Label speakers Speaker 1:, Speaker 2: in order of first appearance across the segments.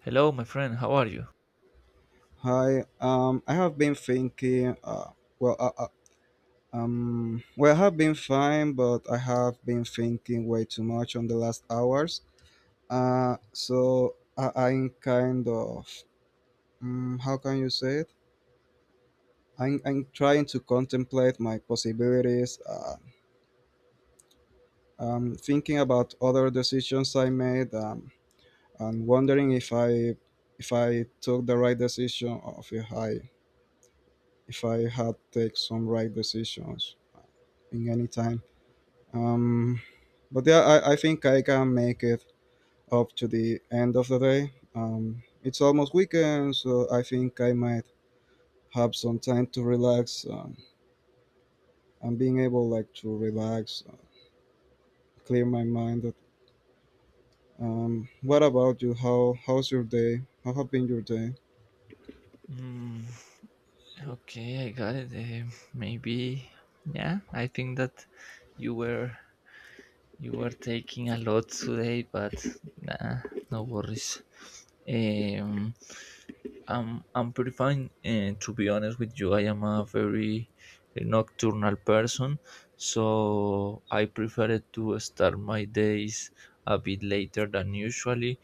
Speaker 1: Hello, my friend. How are you?
Speaker 2: Hi. I have been thinking. Well, uh, uh, I have been fine, but I have been thinking way too much on the last hours. I'm kind of. How can you say it? I'm trying to contemplate my possibilities. Thinking about other decisions I made. And wondering if I took the right decision or if I had take some right decisions in any time. Um, but yeah, I think I can make it up to the end of the day. It's almost weekend, so I think I might have some time to relax. And being able like to relax, clear my mind. What about you? How's your day? How have been your day?
Speaker 1: Mm, okay, I got it. Maybe, yeah. I think that you were you were taking a lot today, but nah, no worries. Um, I'm I'm pretty fine. And to be honest with you, I am a very nocturnal person, so I prefer to start my days a bit later than usually.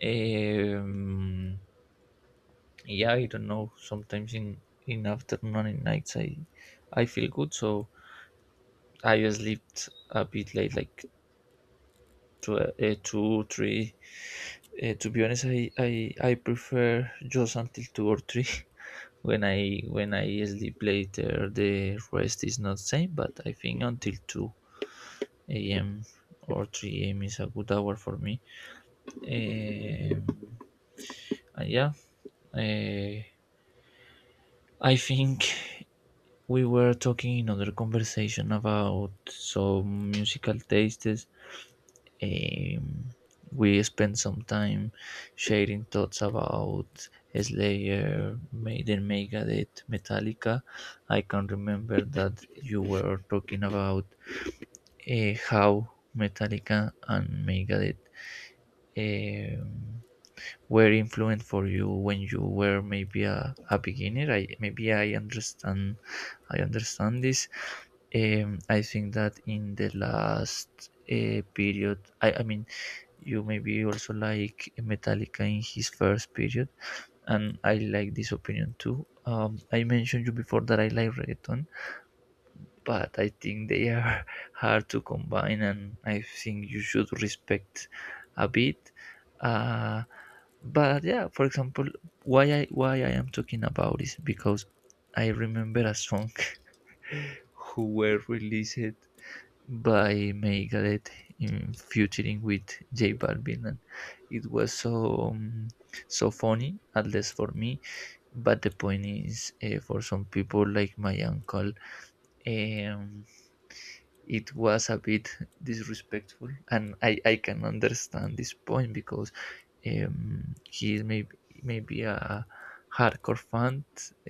Speaker 1: Um, Yeah, I don't know. Sometimes in afternoon and in nights, I feel good, so I slept a bit late, like two three. To be honest, I prefer just until two or three. When I sleep later, the rest is not same, but I think until two a.m. or three a.m. is a good hour for me. Um, and yeah, uh, I think we were talking in other conversation about some musical tastes. Um, we spent some time sharing thoughts about Slayer, Maiden, Megadeth, Metallica. I can remember that you were talking about how Metallica and Megadeth um, were influent for you when you were maybe a beginner. I maybe I understand this. I think that in the last period, I mean, you maybe also like Metallica in his first period, and I like this opinion too. I mentioned you before that I like reggaeton, but I think they are hard to combine, and I think you should respect a bit. Uh, but yeah, for example, why I am talking about is because I remember a song who were released by Megadeth in featuring with J Balvin. And it was so funny, at least for me. But the point is, for some people like my uncle, um, it was a bit disrespectful, and I can understand this point because he is maybe a hardcore fan.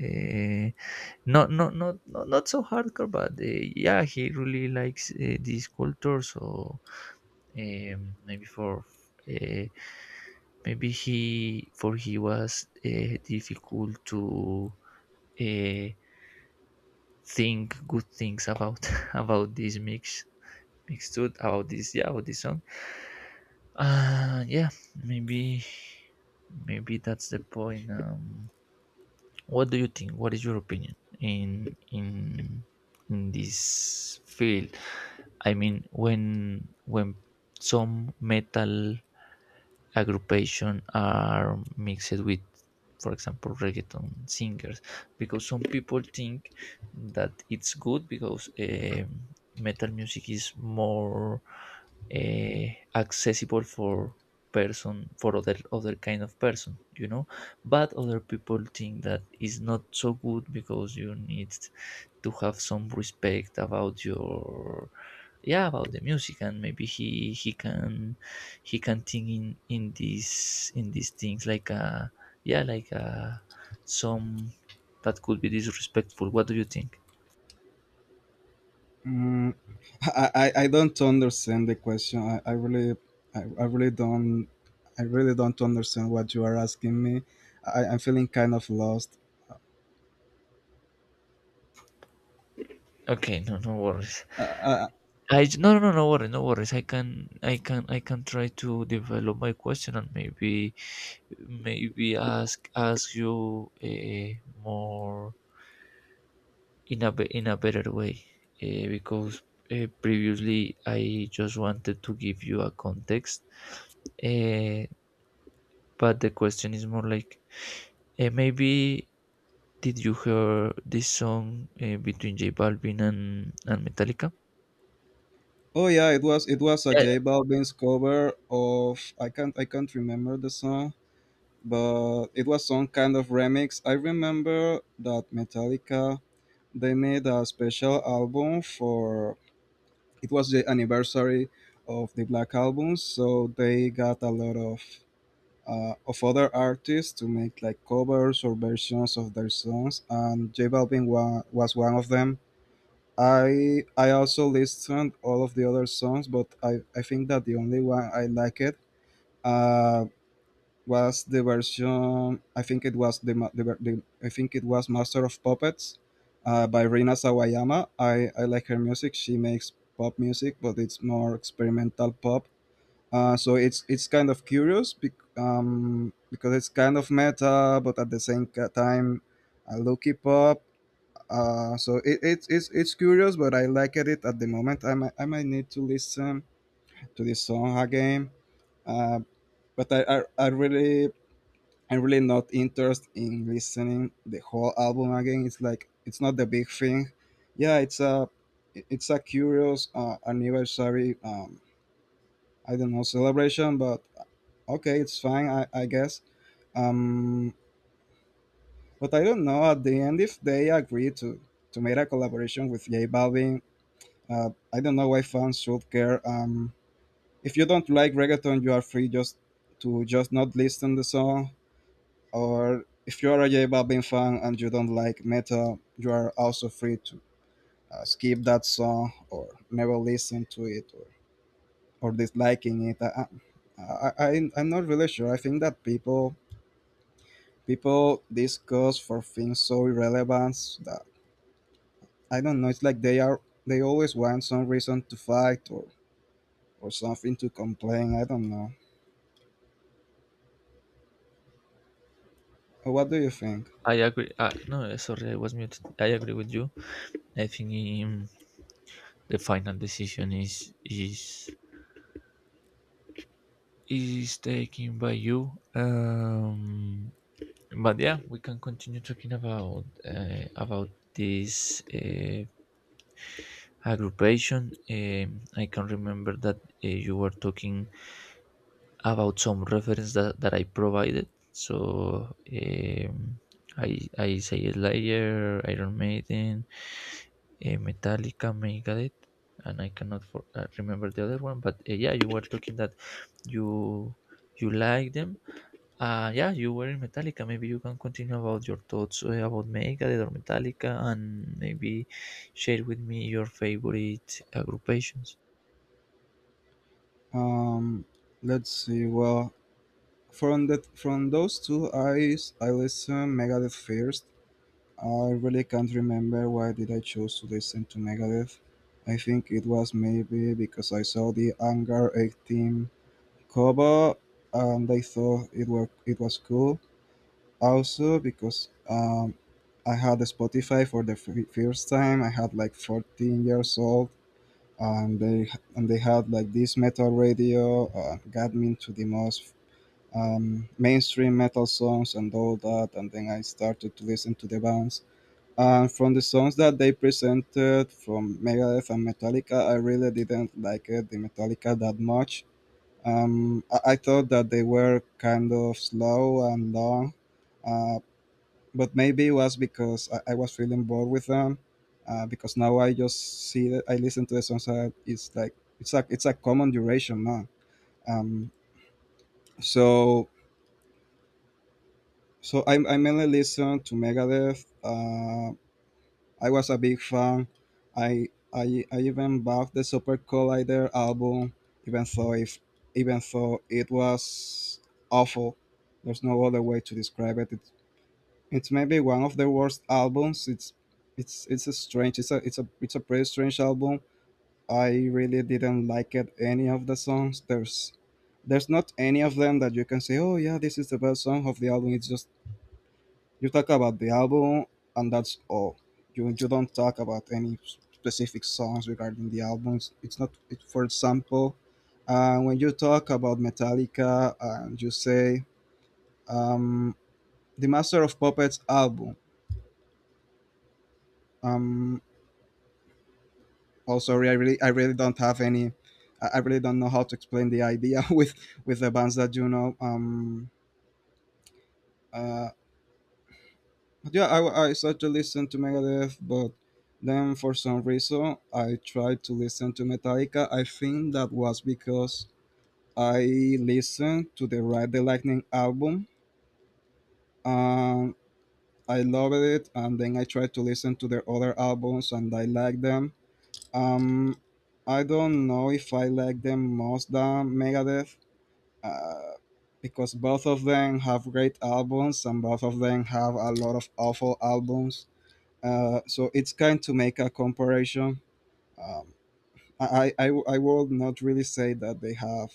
Speaker 1: Uh, not so hardcore, but yeah, he really likes this culture, so um, maybe for uh, maybe he for he was difficult to uh, think good things about about this mix mixtude about this song. uh yeah maybe Maybe that's the point. What do you think? What is your opinion in in in this field? I mean, when some metal aggregation are mixed with, for example, reggaeton singers, because some people think that it's good because metal music is more uh, accessible for other kind of person, you know. But other people think that it's not so good because you need to have some respect about your yeah about the music, and maybe he can think in these things like yeah like uh some that could be disrespectful. What do you think?
Speaker 2: Mm, I don't understand the question. I really don't I really don't understand what you are asking me. I'm feeling kind of lost.
Speaker 1: Okay, no, no worries.
Speaker 2: I, I,
Speaker 1: No, no, no worries, no worries. I can, I can, I can try to develop my question, and maybe maybe ask you, more in a better way, because previously I just wanted to give you a context, uh, but the question is more like, maybe did you hear this song between J Balvin and, Metallica?
Speaker 2: Oh yeah, it was a
Speaker 1: Yeah, yeah,
Speaker 2: J Balvin's cover of I can't remember the song, but it was some kind of remix. I remember that Metallica they made a special album for it was the anniversary of the Black Album, so they got a lot of other artists to make like covers or versions of their songs, and J Balvin was one of them. I also listened all of the other songs, but I think that the only one I liked uh, was the version. I think it was the, ma- the, ver- the I think it was Master of Puppets by Rina Sawayama. I like her music. She makes pop music, but it's more experimental pop. So it's kind of curious because it's kind of meta, but at the same time, looky pop, so it's curious, but I like it at the moment. I might need to listen to this song again. Uh, but I really I'm really not interested in listening the whole album again. It's like it's not the big thing. Yeah, it's a curious anniversary. I don't know, celebration, but okay, it's fine. I guess. Um, but I don't know at the end if they agree to make a collaboration with J Balvin. I don't know why fans should care. If you don't like reggaeton, you are free just to just not listen the song. Or if you are a J Balvin fan and you don't like metal, you are also free to skip that song or never listen to it, or disliking it. I'm not really sure. I think that people discuss for things so irrelevant that I don't know. It's like they are they always want some reason to fight or something to complain. I don't know. What do you think?
Speaker 1: I agree. No, eh, sorry, I was muted. I agree with you. I think um, the final decision is taken by you. But yeah, we can continue talking about this aggravation. I can remember that you were talking about some reference that, I provided. So I say Slayer, Iron Maiden, Metallica, Megadeth, and I cannot remember the other one. But yeah, you were talking that you you like them. Yeah, you were in Metallica. Maybe you can continue about your thoughts about Megadeth or Metallica, and maybe share with me your favorite groupations.
Speaker 2: Um, let's see. Well, from those two, I listened Megadeth first. I really can't remember why did I choose to listen to Megadeth. I think it was maybe because I saw the Anger 18 cover and I thought it was cool. Also because I had a Spotify for the first time. I had like 14 years old and they had like this metal radio, got me into the most mainstream metal songs and all that, and then I started to listen to the bands. And from the songs that they presented from Megadeth and Metallica, I really didn't like it, the Metallica that much. I thought that they were kind of slow and long, uh, but maybe it was because I was feeling bored with them. Because now I just see that I listen to the songs that it's like it's a common duration now. Um, so so I mainly listen to Megadeth. I was a big fan. I even bought the Super Collider album, even though if even though it was awful. There's no other way to describe it. It's maybe one of the worst albums. It's a strange. It's a it's a it's a pretty strange album. I really didn't like it. Any of the songs. There's not any of them that you can say, oh yeah, this is the best song of the album. It's just you talk about the album and that's all. You don't talk about any specific songs regarding the albums. It's not. It, for example, when you talk about Metallica and you say um, the Master of Puppets album. Um, oh sorry, I really don't have any I really don't know how to explain the idea with the bands that you know. Um uh but yeah, I started to listen to Megadeth, but then for some reason I tried to listen to Metallica. I think that was because I listened to the Ride the Lightning album. um I loved it, and then I tried to listen to their other albums and I liked them. um I don't know if I like them most than Megadeth, uh, because both of them have great albums and both of them have a lot of awful albums. So it's kind to make a comparison. Um, I will not really say that they have,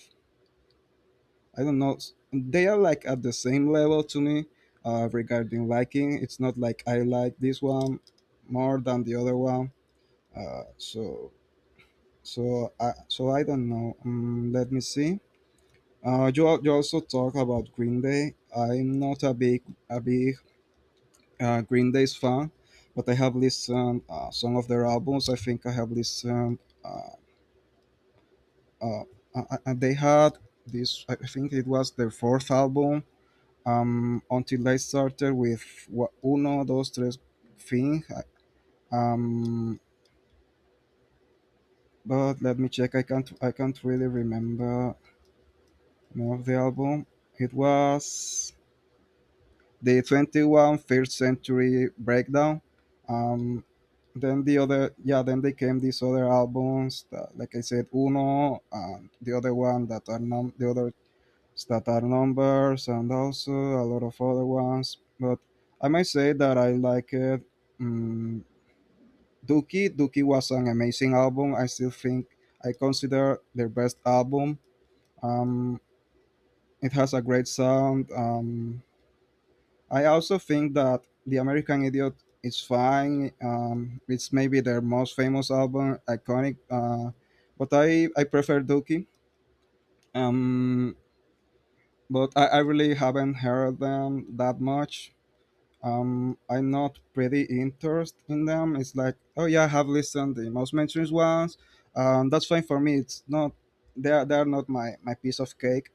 Speaker 2: I don't know, they are like at the same level to me, regarding liking. It's not like I like this one more than the other one. Uh, so so I don't know. Let me see. You also talk about Green Day. I'm not a big Green Day's fan, but I have listened some of their albums. I think I have listened. Uh, uh, they had this. I think it was their fourth album. Until I started with what uno, dos, tres, thing. Um, but let me check. I can't. I can't really remember name of the album. It was the 21st century breakdown. um, then the other, yeah, then they came these other albums that, like I said, uno, and the other one that are the other that are numbers, and also a lot of other ones, but I might say that I like it. Um, dookie, Dookie was an amazing album. I still think I consider their best album. Um, it has a great sound. I also think that The American Idiot is fine. It's maybe their most famous album, iconic. But I prefer Dookie. Um, but I really haven't heard them that much. I'm not pretty interested in them. It's like, oh yeah, I have listened the most mentioned ones. That's fine for me. It's not, they're not my piece of cake.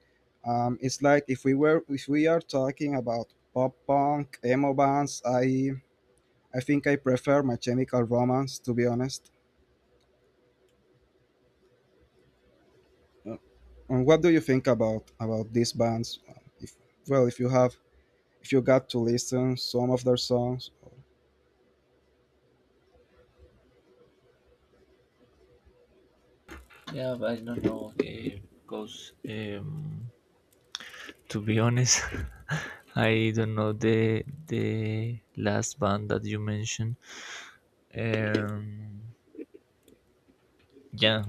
Speaker 2: It's like if we are talking about pop punk emo bands, I think I prefer My Chemical Romance, to be honest. Uh, And what do you think about these bands? If well, if you have, if you got to listen some of their songs.
Speaker 1: Yeah, but I don't know because. To be honest, I don't know the last band that you mentioned. Um, yeah,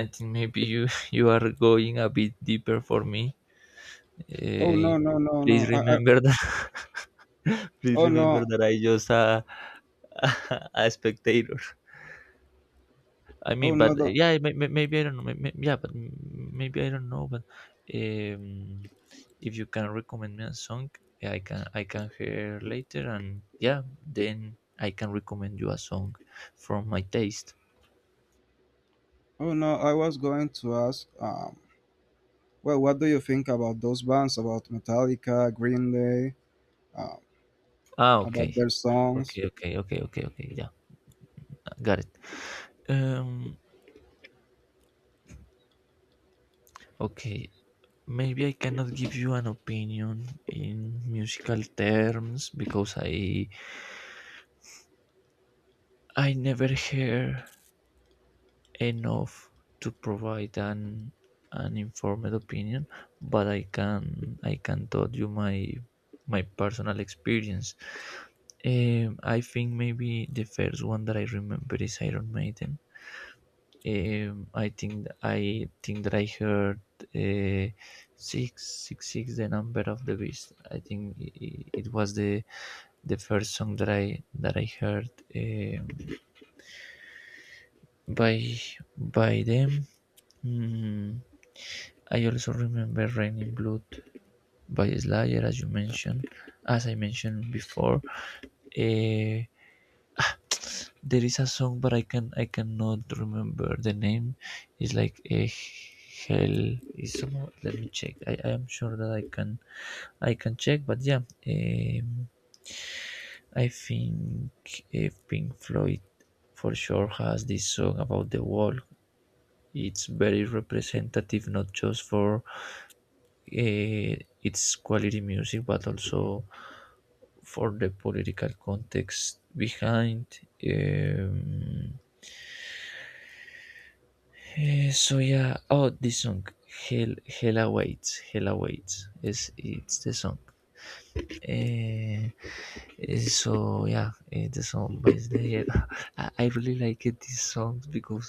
Speaker 1: I think maybe you you are going a bit deeper for me.
Speaker 2: Oh
Speaker 1: Uh,
Speaker 2: no no no
Speaker 1: please
Speaker 2: no! I, I,
Speaker 1: remember that. please
Speaker 2: oh
Speaker 1: remember
Speaker 2: no,
Speaker 1: that I just a spectator. I
Speaker 2: oh
Speaker 1: mean, but
Speaker 2: no don't,
Speaker 1: yeah, maybe I don't know. Yeah, but maybe I don't know. But um, if you can recommend me a song, yeah, I can hear later, and yeah, then I can recommend you a song from my taste.
Speaker 2: oh no! I was going to ask. Well, what do you think about those bands? About Metallica, Green Day, uh,
Speaker 1: Ah,
Speaker 2: about
Speaker 1: okay,
Speaker 2: their songs?
Speaker 1: okay, okay, okay, okay, okay. Yeah, got it. Um, okay. Maybe I cannot give you an opinion in musical terms because I never hear enough to provide an informed opinion, but I can tell you my personal experience. I think maybe the first one that I remember is Iron Maiden. I think that I heard uh, six six six, the number of the beast. I think it was the first song that I heard um by by them. Mm, I also remember "Raining Blood" by Slayer, as I mentioned before. Eh, there is a song, but I cannot remember the name. It's like a hell. Is somehow, let me check. I am sure that I can check, but yeah, I think Pink Floyd for sure has this song about the wall. It's very representative, not just for its quality music, but also for the political context behind. Um, so yeah, oh, this song, Hell Awaits, is it's the song. Eh, so yeah, the song by Slayer. I really like it, these songs, because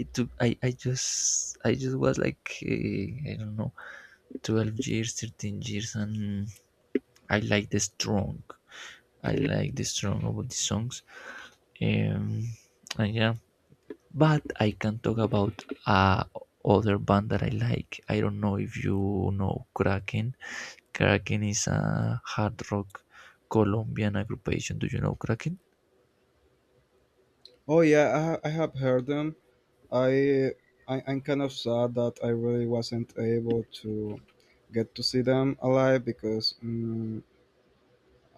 Speaker 1: it took I just was like I don't know, 12 years, 13 years, and I like the strong I like the strong about the songs. Um, and yeah, but I can talk about other band that I like. I don't know if you know Kraken. Kraken is a hard rock Colombian aggregation. Do you know Kraken?
Speaker 2: Oh yeah, I have heard them. I, I'm kind of sad that I really wasn't able to get to see them alive because mm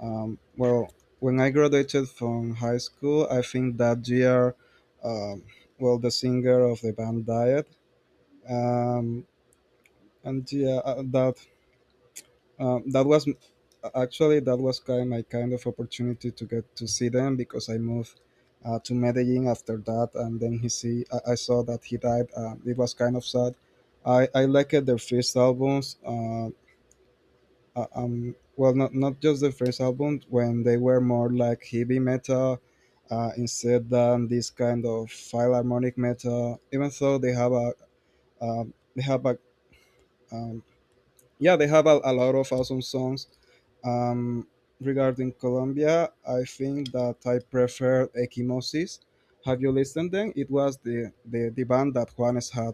Speaker 2: um, well, when I graduated from high school, I think that year, um, well, the singer of the band died. Um, and yeah that That was actually, that was kind my kind of opportunity to get to see them because I moved to Medellin after that, and then I saw that he died. It was kind of sad. I liked their first albums. Well, not just the first album when they were more like heavy metal. Instead than this kind of philharmonic metal, even though they have a um, yeah, they have a lot of awesome songs. Um, regarding Colombia, I think that I prefer Equimosis. Have you listened then? It was the band that Juanes had.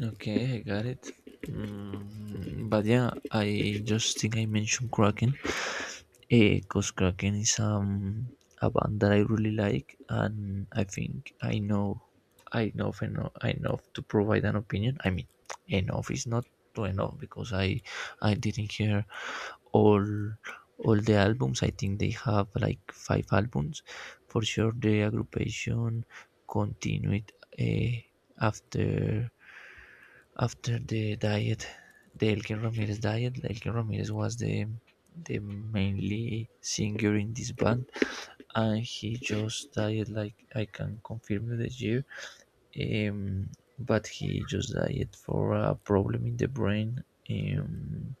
Speaker 1: Okay, I got it. Mm, but yeah, I just think I mentioned Kraken. A Kuskakin is a band that I really like, and I think I know enough to provide an opinion. I mean, enough is not too enough because I didn't hear all all the albums. I think they have like five albums. For sure, the aggregation continued uh, after the diet, the Elkin Ramirez diet. Elkin Ramirez was the mainly singer in this band, and he just died like I can confirm you the year. Um, but he just died for a problem in the brain. Um,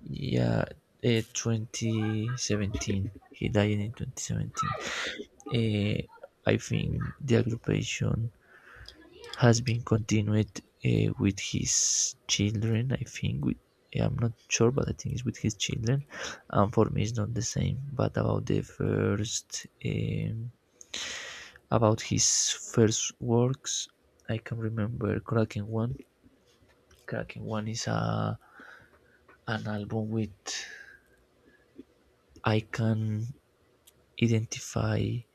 Speaker 1: yeah, 2017. He died in 2017. Uh, I think the occupation has been continued with his children. I'm not sure, but I think it's with his children. And for me, it's not the same. But about about his first works, I can remember Kraken One. Kraken One is a an album with I can identify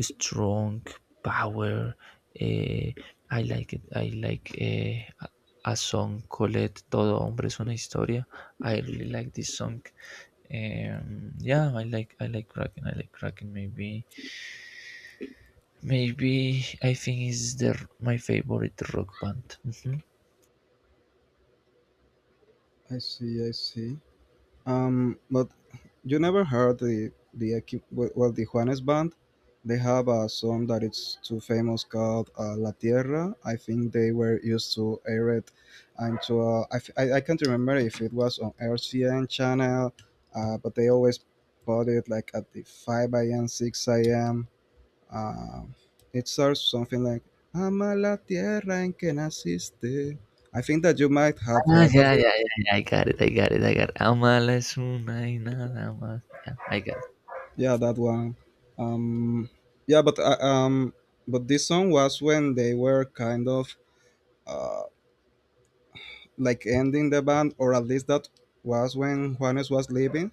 Speaker 1: strong power. eh, I like it. I like a song called "Todo hombre es una historia." I really like this song. I like Kraken. I like Kraken. Maybe maybe I think is the my favorite rock band. Mhm.
Speaker 2: I see, I see. But you never heard the well, well, the Juanes band? They have a song that it's too famous called "La Tierra." I think they were used to air it, and to I can't remember if it was on RCN channel, but they always put it like at the five a.m., six a.m. Uh, it starts something like "Ama la tierra en que naciste." I think that you might have
Speaker 1: Ah,
Speaker 2: heard of.
Speaker 1: yeah, yeah, yeah, yeah. I got it. I got it. I got it. Amala es una y nada más. Yeah, I got it.
Speaker 2: Yeah, that one. Um, yeah, but uh, um, but this song was when they were kind of uh, like ending the band, or at least that was when Juanes was leaving,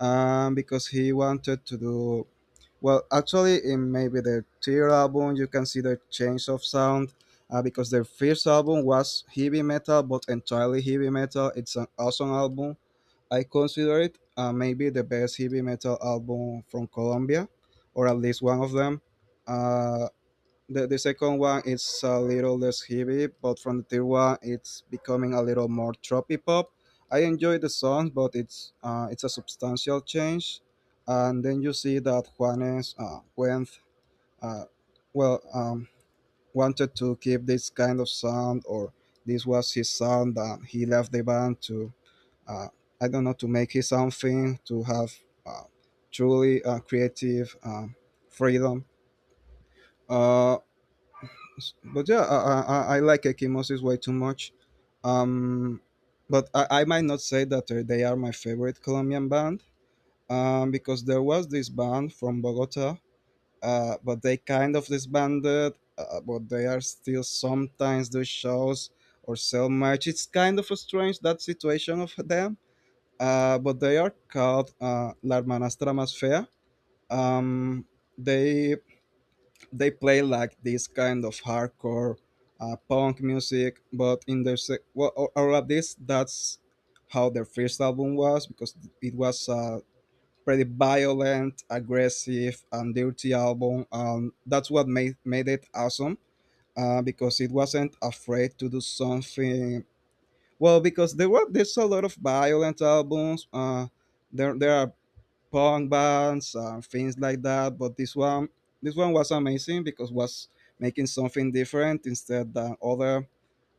Speaker 2: because he wanted to do well. Actually, in maybe the third album, you can see the change of sound. Because their first album was heavy metal, but entirely heavy metal. It's an awesome album. I consider it maybe the best heavy metal album from Colombia, or at least one of them. Uh, the second one is a little less heavy, but from the third one, it's becoming a little more trophy pop. I enjoy the songs, but it's a substantial change. And then you see that Juanes went, uh, well, um, wanted to keep this kind of sound, or this was his sound, and he left the band to, uh, I don't know, to make it something, to have uh, truly creative freedom. Uh, but yeah, I like Ekimoses way too much. Um, but I might not say that they are my favorite Colombian band, because there was this band from Bogota, but they kind of disbanded, but they are still sometimes do shows or sell merch. It's kind of strange that situation of them, but they are called L'Armanastra Más Fea. Um, they they play like this kind of hardcore punk music, but well, or at least that's how their first album was, because it was a pretty violent, aggressive, and dirty album. That's what made it awesome, because it wasn't afraid to do something. Well, because there's a lot of violent albums. There are punk bands and things like that. This one was amazing because was making something different instead than other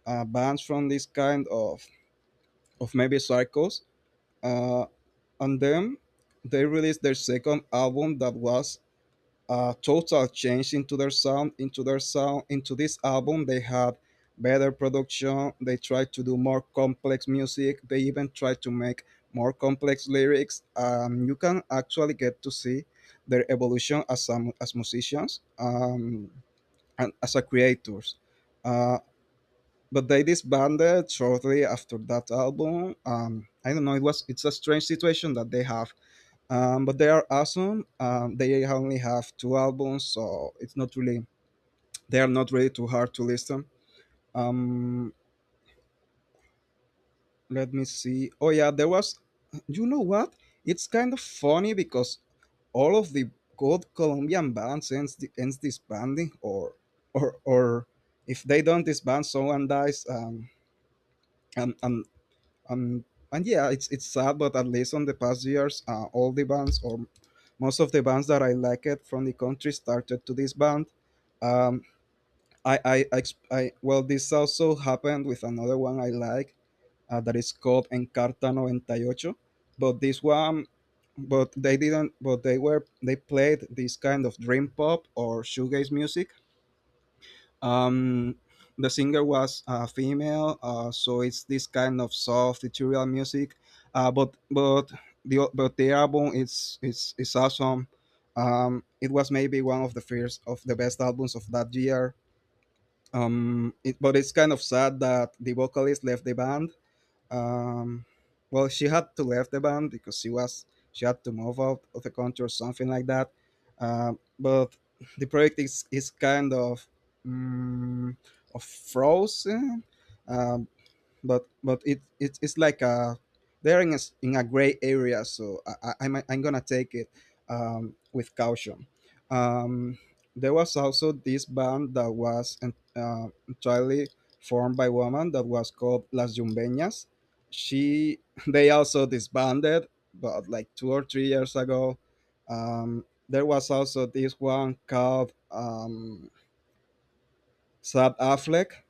Speaker 2: bands from this kind of maybe circles. Uh, and then they released their second album that was a total change into their sound, into this album. They had better production. They tried to do more complex music. They even tried to make more complex lyrics. You can actually get to see their evolution as as musicians, and as a creators, uh, but they disbanded shortly after that album. I don't know, it's a strange situation that they have, but they are awesome. They only have two albums, so it's not really they are not really too hard to listen. Um, Let me see. Oh yeah, there was. You know what? It's kind of funny because all of the good Colombian bands ends disbanding, or or if they don't disband, someone dies. And and and and yeah, it's sad, but at least on the past years, all the bands or most of the bands that I liked from the country started to this band. Um, well, this also happened with another one I like, that is called Encarta 98, but this one, but they didn't, but they were, they played this kind of dream pop or shoegaze music. Um the singer was female, so it's this kind of soft ethereal music, uh, but but but the album is awesome. It was maybe one of the first of the best albums of that year. But it's kind of sad that the vocalist left the band. um well, she had to leave the band because she had to move out of the country or something like that, but the project is kind um, of frozen, um, it, it's like a, they're in a, in a gray area, so I'm gonna take it with caution. um, there was also this band that was entirely formed by women that was called las jumbeñas. She They also disbanded, but like 2 or 3 years ago. There was also this one called Sad Affleck,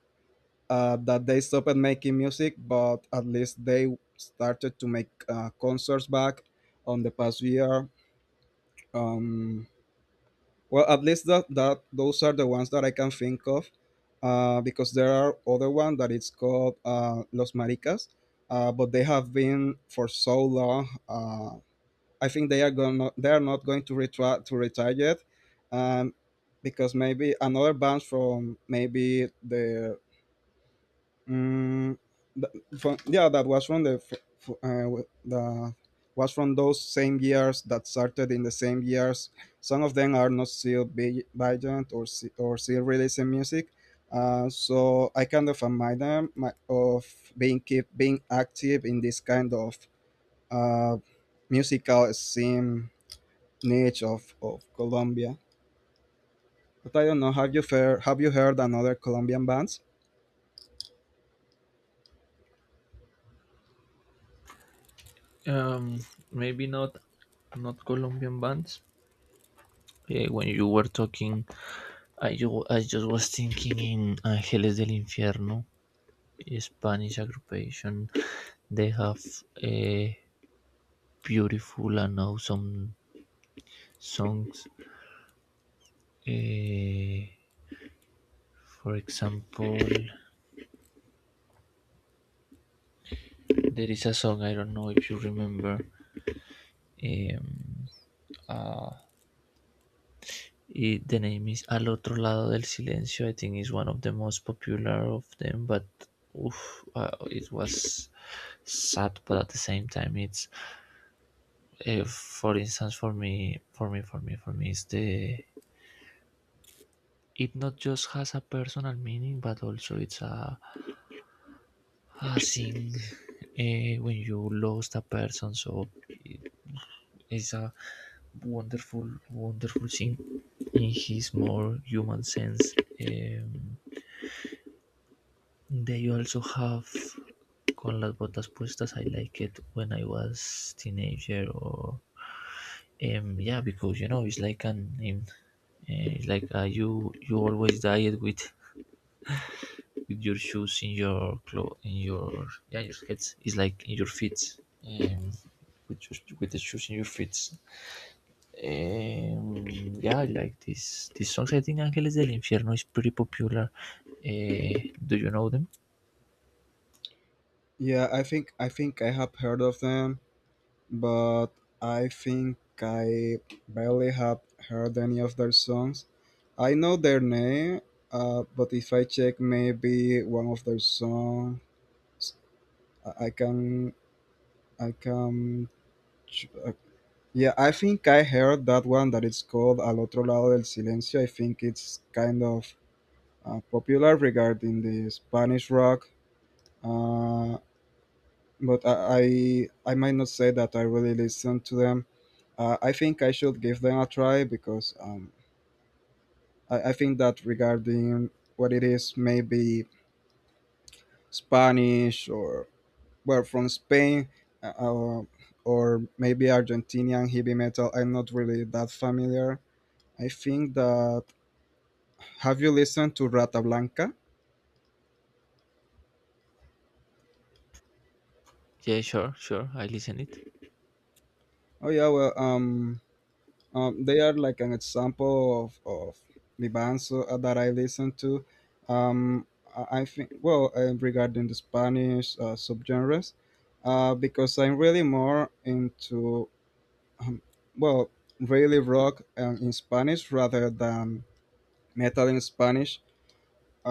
Speaker 2: that they stopped making music, but at least they started to make concerts back on the past year. Um, well, at least that those are the ones that I can think of, because there are other one that it's called Los Maricas, but they have been for so long. I think they are going. They are not going to retire yet, um, because maybe another band from maybe the Mm, th- from, yeah, that was from the f- uh, w- the was from those same years, that started in the same years. Some of them are not still Bygent or or still releasing music. So I kind of admire them of being keep being active in this kind of uh, musical scene niche of Colombia. But I don't know. Have you heard another Colombian bands?
Speaker 1: Um, maybe not Colombian bands. When you were talking, I just was thinking in Angeles del Infierno, Spanish occupation. They have a beautiful and awesome songs. Eh, for example, there is a song, I don't know if you remember. Um, uh, the name is Al otro lado del silencio. I think is one of the most popular of them, but oof, it was sad, but at the same time, it's for instance, for me is the it not just has a personal meaning, but also it's a thing, when you lost a person. So it is a wonderful thing in his more human sense. um, they also have Con las botas puestas. I like it when I was teenager, or yeah, because you know it's like an it's like you always diet with your shoes in your clo in your your head, it's like in your feet, um, with your, with the shoes in your feet. Um, yeah, I like this songs. I think Ángeles del Infierno is pretty popular. Do you know them?
Speaker 2: Yeah, I think I have heard of them, but I think I barely have heard any of their songs. I know their name, but if I check maybe one of their songs, I I can I can ch- uh, yeah, I think I heard that one that is called Al otro lado del silencio. I think it's kind of popular regarding the Spanish rock. Uh, but I might not say that I really listen to them. I think I should give them a try, because I think that regarding what it is, maybe Spanish, or well, from Spain, uh, uh, or maybe Argentinian heavy metal, I'm not really that familiar. I think that, have you listened to Rata Blanca?
Speaker 1: Yeah, sure, sure. I listen it.
Speaker 2: Oh yeah, well, they are like an example of the bands that I listen to. Um, I think, well, regarding the Spanish subgenres, because I'm really more into, um, well, really rock in Spanish rather than metal in Spanish.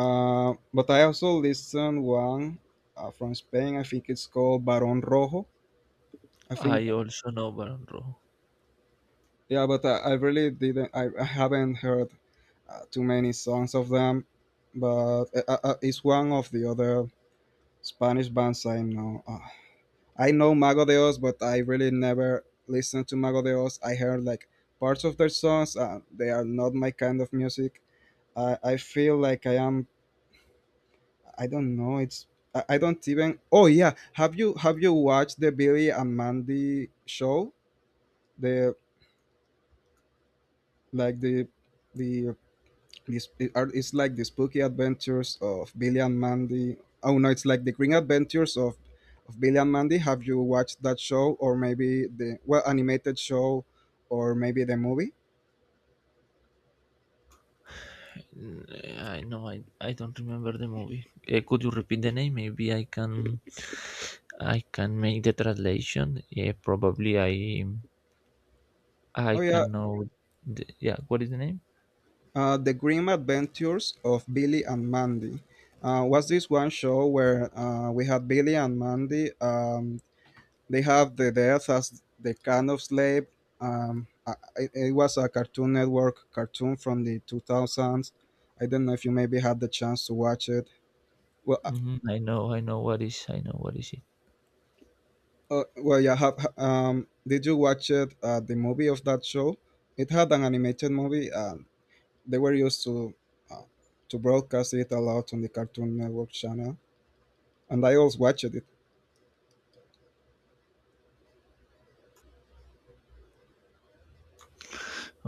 Speaker 2: But I also listen one from Spain. I think it's called Barón Rojo. I think
Speaker 1: I also know Baron Rojo.
Speaker 2: Yeah, but I really didn't. I haven't heard too many songs of them, but it's one of the other Spanish bands I know. I know Mago de Oz, but I really never listened to Mago de Oz. I heard like parts of their songs. They are not my kind of music. I feel like I am. I don't know. It's I don't even. Oh yeah, have you watched the Billy and Mandy show? The like the It's like the spooky adventures of Billy and Mandy. Oh no, it's like the Green Adventures of Billy and Mandy. Have you watched that show, or maybe the well animated show, or maybe the movie?
Speaker 1: Mm, I know. I don't remember the movie. Could you repeat the name? Maybe I can make the translation. Yeah, probably I
Speaker 2: Oh yeah,
Speaker 1: can know. What is the name?
Speaker 2: the Green Adventures of Billy and Mandy. Was this one show where we had Billy and Mandy? They have the death as the kind of slave. Um, I, it was a Cartoon Network cartoon from the 2000s. I don't know if you maybe had the chance to watch it. Well, uh,
Speaker 1: Hmm, I know what is. I know what is it.
Speaker 2: yeah. Did you watch it? The movie of that show. It had an animated movie. They were used uh, to broadcast it a lot on the Cartoon Network channel, and I also watched it.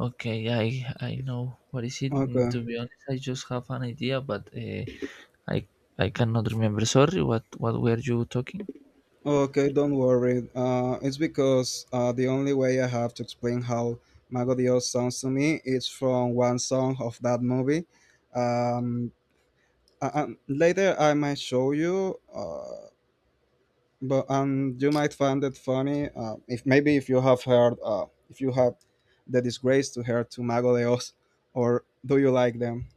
Speaker 1: Okay, I know what is it. Mm, to
Speaker 2: Okay.
Speaker 1: be honest, I just have an idea, but I I cannot remember. Sorry, what were you talking?
Speaker 2: Okay, don't worry. It's because the only way I have to explain how Mago Dios sounds to me is from one song of that movie. Um, and later I might show you, but you might find it funny if maybe if you have heard, if you have the disgrace to hear to Mago Dios, or do you like them?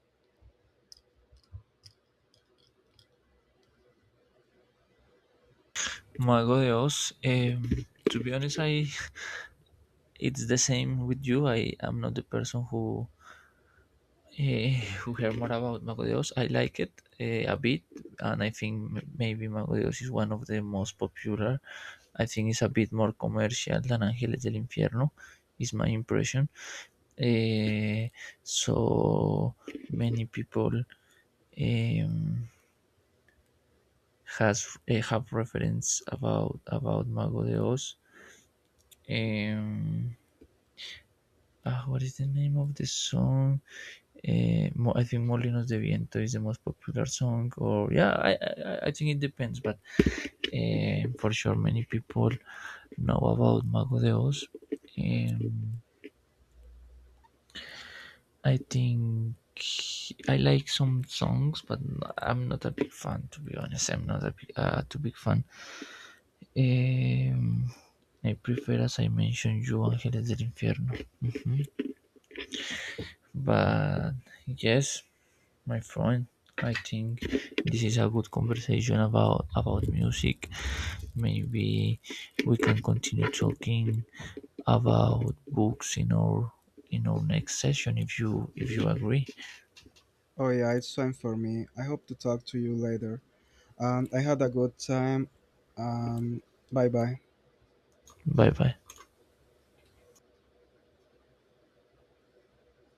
Speaker 1: Mago de Oz. To be honest, I it's the same with you. I am not the person who who heard more about Mago Dios. I like it a bit, and I think maybe Mago Dios is one of the most popular. I think it's a bit more commercial than Ángeles del Infierno, is my impression. Eh, so many people um, have reference about Mago Dios. Um, ah, what is the name of the song? Mo I think Molinos de Viento is the most popular song, or yeah, I think it depends, but for sure many people know about Mago de Oz. Um, I think I like some songs, but I'm not a big fan, to be honest. I'm not a big fan. Um, I prefer, as I mentioned, you Ángeles del Infierno, but yes, my friend, I think this is a good conversation about music. Maybe we can continue talking about books in our next session if you agree.
Speaker 2: Oh yeah, it's time for me. I hope to talk to you later. I had a good time. Um, Bye bye.
Speaker 1: Bye bye.